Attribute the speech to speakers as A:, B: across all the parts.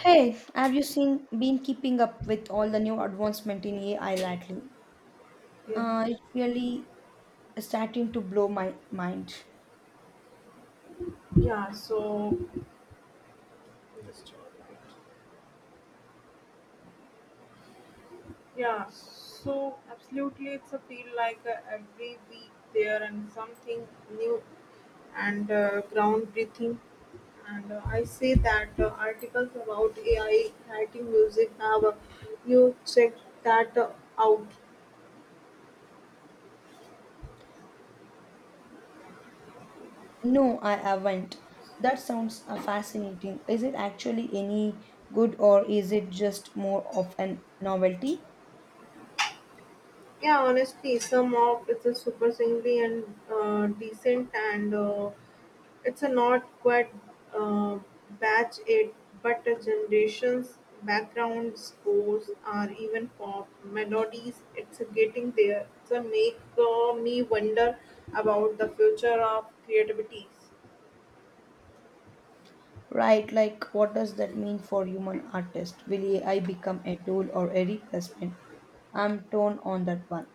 A: Hey, have you seen been keeping up with all the new advancement in AI lately?
B: Yeah.
A: It's really starting to blow my mind.
B: Yeah. So Just all right. yeah. So absolutely, it's a feel like every week there and something new and groundbreaking. And I see that articles about AI writing music have you checked that out?
A: No, I haven't. That sounds fascinating. Is it actually any good or is it just more of an novelty?
B: Yeah, honestly, some of it's a super singly and decent and. It's a not quite uh, batch it, but a generation's background scores are even pop melodies. It's a getting there. It's a make me wonder about the future of creativity.
A: Right, like what does that mean for human artists? Will AI become a tool or a replacement? I'm torn on that one.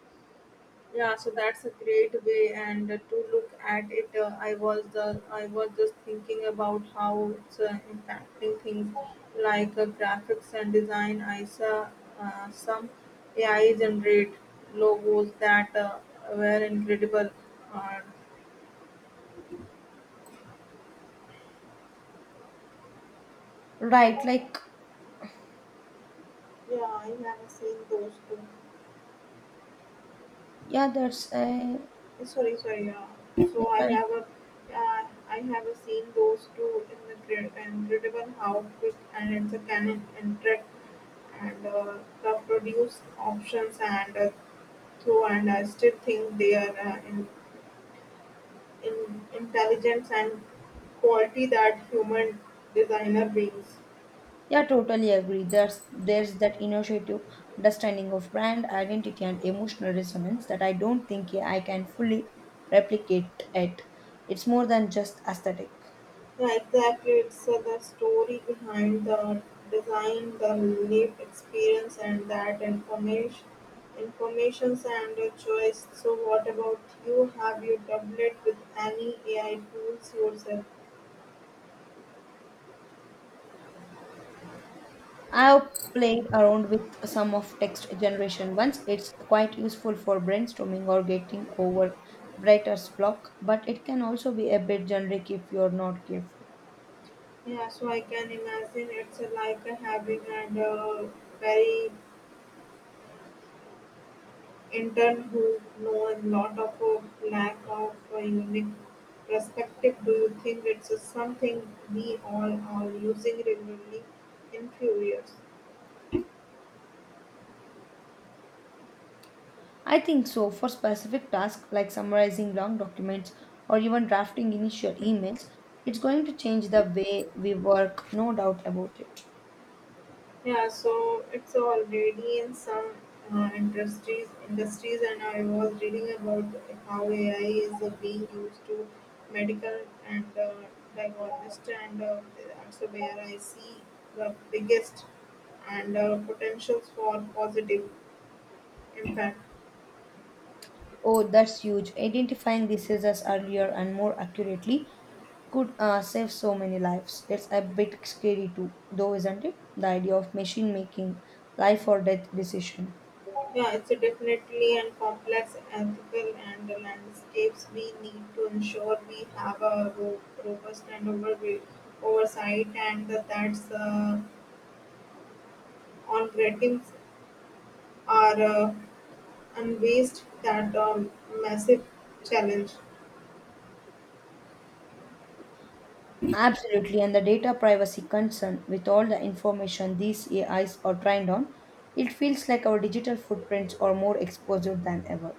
B: Yeah, so that's a great way and to look at it. I was just thinking about how it's impacting things like graphics and design. I saw some AI generate logos that were incredible. uh,
A: Right, like
B: yeah, I have seen those too.
A: yeah, that's a
B: Sorry. Yeah. So
A: yeah,
B: uh, I have a seen those two in the grid, incredible how quick and it's a can interact and the produce options and through, and I still think they are in intelligence and quality that human designer brings.
A: Yeah, totally agree. There's that initiative understanding of brand identity and emotional resonance that I don't think I can fully replicate it. It's more than just aesthetic.
B: Yeah, exactly. It's the story behind the design, the lived experience, and that informations and choice. So, what about you? Have you doubled it with any AI tools yourself?
A: I've played around with some of text generation once. It's quite useful for brainstorming or getting over writer's block, but it can also be a bit generic if you're not careful.
B: Yeah, so I can imagine it's like having a very in turn who know a lot of a lack of a unique perspective. Do you think it's a something we all are using regularly in few years?
A: I think so. For specific tasks like summarizing long documents or even drafting initial emails, it's going to change the way we work, no doubt about it.
B: Yeah, so it's already in some industries, and I was reading about how AI is being used to medical and diagnostic, and that's where I see the biggest and potentials for positive impact.
A: Oh, that's huge. Identifying diseases earlier and more accurately could save so many lives. It's a bit scary too, though, isn't it? The idea of machine making life or death decision.
B: Yeah, it's a definitely and complex ethical and the landscapes. We need to ensure we have a robust and oversight, and that's on ratings are unvased that massive challenge.
A: Absolutely, and the data privacy concern with all the information these AIs are trained on, it feels like our digital footprints are more exposed than ever.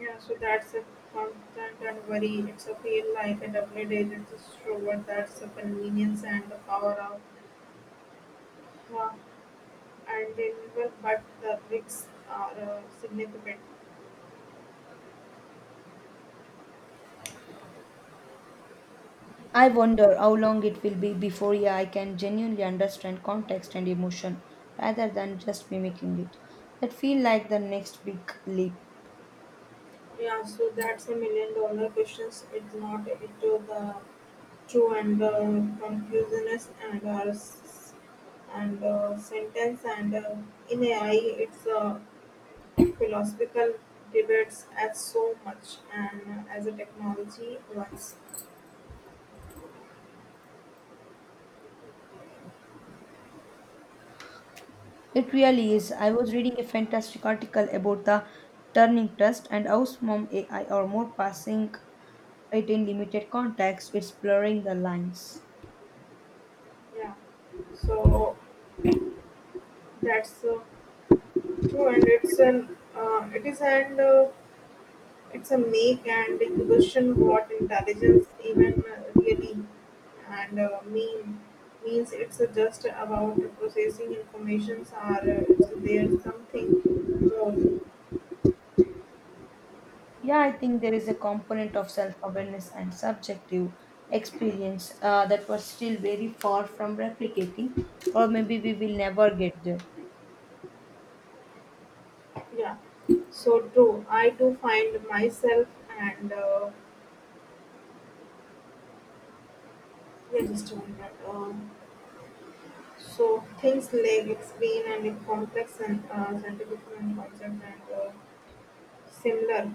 B: Yeah, so that's a constant and worry. It's a feel like a double-edged sword. That's a convenience and the power of uh, and deliver, but the risks are significant.
A: I wonder how long it will be before AI can genuinely understand context and emotion rather than just mimicking it. That feel like the next big leap.
B: Yeah, so that's a million dollar questions. It's not it to the true and confusionist and sentence and in AI. It's philosophical debates as so much and as a technology once.
A: It really is. I was reading a fantastic article about the Turning Trust and how some AI are more passing it in limited context. It's blurring the lines.
B: Yeah, so that's true, and it's an it is and it's a make and you question what intelligence even really and meme means. It's just about processing informations or it's there's something more.
A: Yeah, I think there is a component of self awareness and subjective experience that was still very far from replicating, or maybe we will never get there.
B: Yeah, so true. I do find myself and yeah, just a minute, so things like explain and in complex and scientific and concept and similar.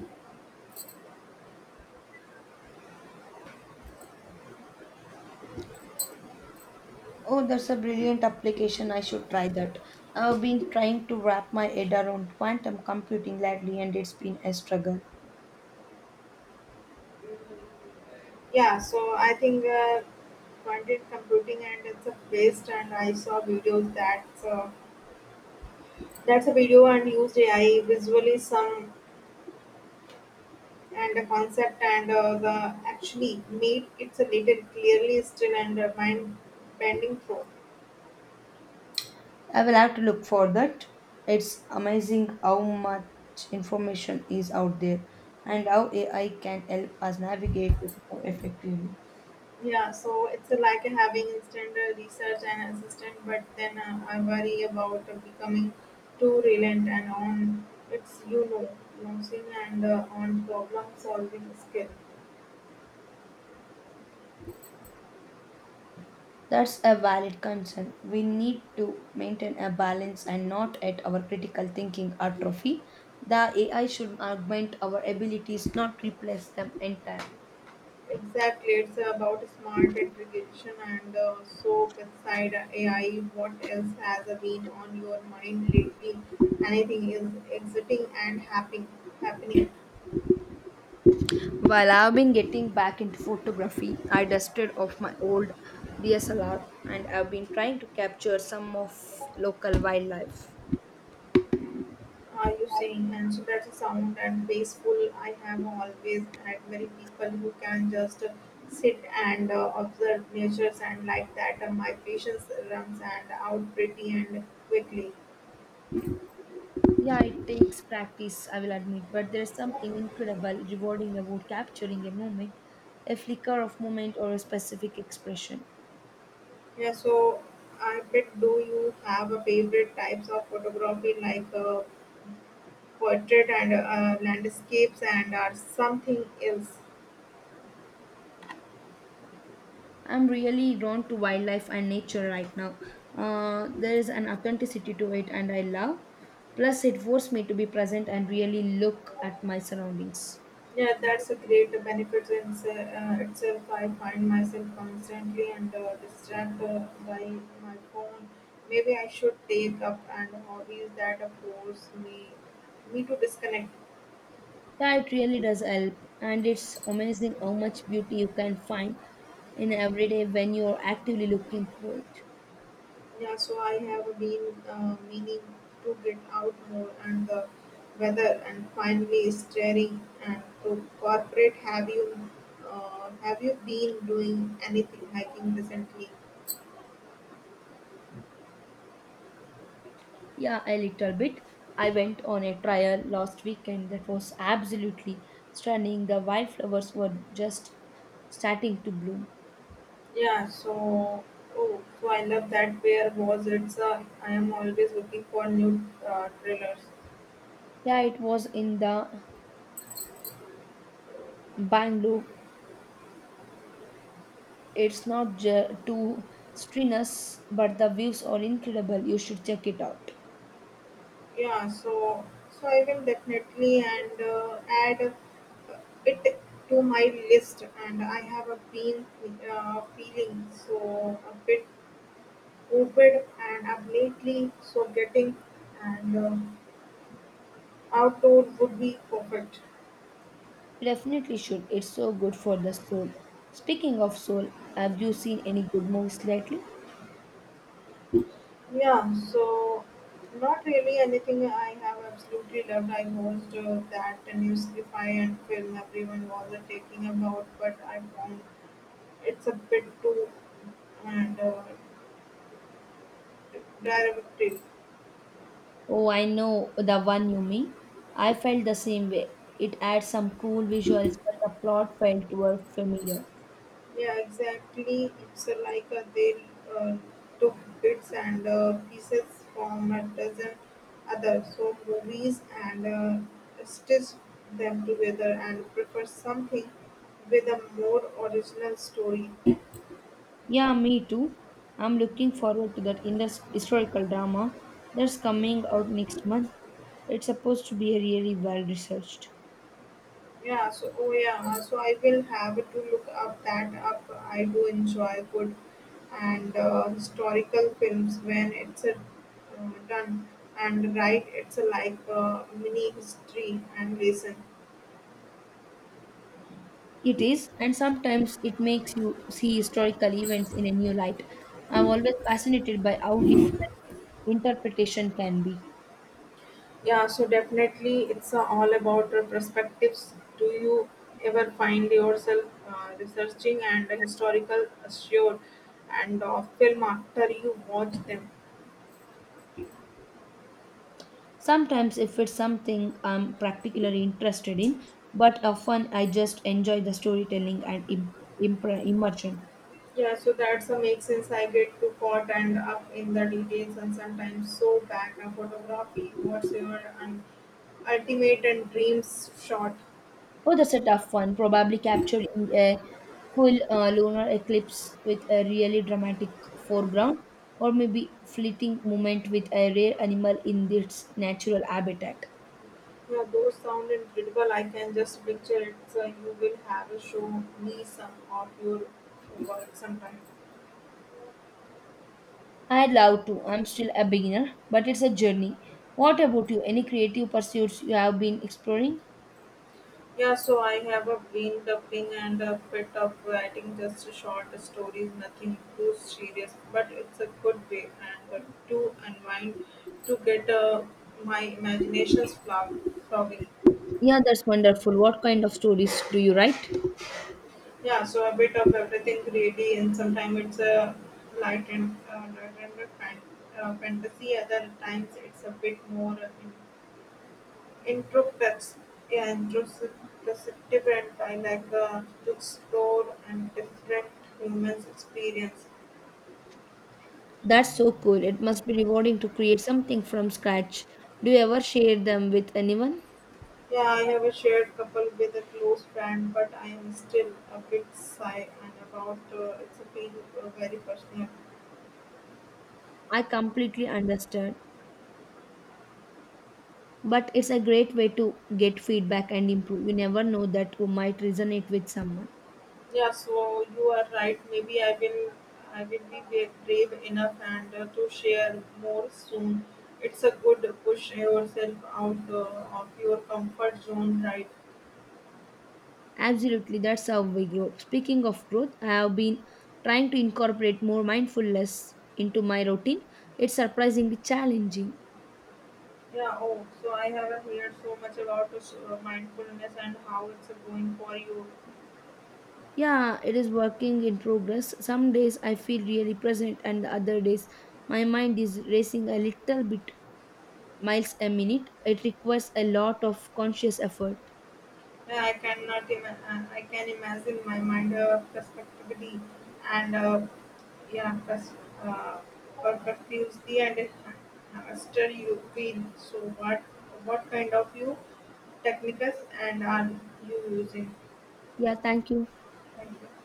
A: Oh, that's a brilliant application. I should try that. I've been trying to wrap my head around quantum computing lately, and it's been a struggle.
B: Yeah, so I think quantum computing and it's a best. And I saw videos that's a video and used AI visually some and the concept and the actually made it's a little clearly still and mind bending through.
A: I will have to look for that. It's amazing how much information is out there and how AI can help us navigate it more effectively.
B: Yeah, so it's like having instant research and assistant, but then I worry about becoming too reliant and on it's. Losing and on problem solving skill.
A: That's a valid concern. We need to maintain a balance and not at our critical thinking atrophy. The AI should augment our abilities, not replace them entirely.
B: Exactly, it's about smart integration and so beside AI, what else has been on your mind lately? Anything is exiting and happening? Happening?
A: While I've been getting back into photography, I dusted off my old DSLR and I've been trying to capture some of local wildlife.
B: Are you saying? And so that's a sound and peaceful. I have always admired people who can just sit and observe natures and like that. My patience runs and out pretty and quickly.
A: Yeah, it takes practice, I will admit, but there's something incredible, rewarding about capturing a moment, a flicker of moment, or a specific expression.
B: Yeah, so I bet, do you have a favorite types of photography like portrait and landscapes and or something else?
A: I'm really drawn to wildlife and nature right now. There is an authenticity to it, and I love. Plus, it forced me to be present and really look at my surroundings.
B: Yeah, that's a great benefit in itself. I find myself constantly and distracted by my phone. Maybe I should take up and hobbies that force me to disconnect.
A: Yeah, it really does help, and it's amazing how much beauty you can find in every day when you're actively looking for it.
B: Yeah, so I have been meaning to get out more and the weather and finally staring and to corporate. Have you been doing anything hiking recently?
A: Yeah, a little bit. I went on a trial last weekend that was absolutely stunning. The wildflowers were just starting to bloom.
B: Yeah, so oh, so I love that. Where was it? I am always looking for new trailers.
A: Yeah, it was in the Bangalore, it's not ju- too strenuous, but the views are incredible. You should check it out.
B: Yeah, so I will definitely and add it to my list, and I have a been feeling so a bit open, and I'm lately so getting and outdoor would be perfect.
A: You definitely should. It's so good for the soul. Speaking of soul, have you seen any good movies lately?
B: Yeah, so not really anything I have absolutely loved. I watched that new sci-fi and film everyone was taking about, but I found it's a bit too and derivative.
A: Oh, I know the one you mean. I felt the same way. It had some cool visuals, but the plot felt were familiar.
B: Yeah, exactly. It's like they uh, took bits and pieces from a dozen other so movies and stitched them together, and prefer something with a more original story.
A: Yeah, me too. I'm looking forward to that historical drama that's coming out next month. It's supposed to be really well researched.
B: Yeah, so oh yeah, so I will have to look up that up. I do enjoy good and historical films when it's done and right. It's a like mini history and lesson.
A: It is, and sometimes it makes you see historical events in a new light. I'm always fascinated by how different interpretation can be.
B: Yeah, so definitely it's all about perspectives. Do you ever find yourself researching and historical sure and film after you watch them?
A: Sometimes, if it's something I'm particularly interested in, but often I just enjoy the storytelling and immersion.
B: Yeah, so that's a make sense. I get too caught and up in the details and sometimes so back and photography. What's your ultimate and dreams shot?
A: Oh, that's a tough one. Probably captured in a full lunar eclipse with a really dramatic foreground, or maybe fleeting moment with a rare animal in its natural habitat.
B: Yeah, those sound incredible. I can just picture it. So you will have a show me some of your work sometime.
A: I'd love to. I'm still a beginner, but it's a journey. What about you? Any creative pursuits you have been exploring?
B: Yeah, so I have a been dubbing and a bit of writing, just short stories, nothing too serious, but it's a good way and to unwind to get my flowing.
A: Yeah, that's wonderful. What kind of stories do you write?
B: Yeah, so a bit of everything really, and sometimes it's a light and fan- fantasy, other times it's a bit more Introspects are introspective and dialogue to explore and different humans experience.
A: That's so cool. It must be rewarding to create something from scratch. Do you ever share them with anyone?
B: Yeah, I have a shared couple with a close friend, but I am still a bit shy and about it's a feel very personal.
A: I completely understand. But it's a great way to get feedback and improve. You never know that you might resonate with someone.
B: Yeah, so you are right. Maybe I will be brave enough and to share more soon. It's a good push yourself out of your comfort zone, right?
A: Absolutely, that's how we grow. Speaking of growth, I have been trying to incorporate more mindfulness into my routine. It's surprisingly challenging.
B: Yeah, oh, so I have heard so much about this, mindfulness and how it's going for you.
A: Yeah, it is working in progress. Some days I feel really present, and the other days my mind is racing a little bit miles a minute. It requires a lot of conscious effort.
B: Yeah, I cannot ima I can imagine my mind and uh, yeah, pers- uh, perspectively and stir you feel. So what kind of you techniques and are you using?
A: Yeah, thank you.
B: Thank you.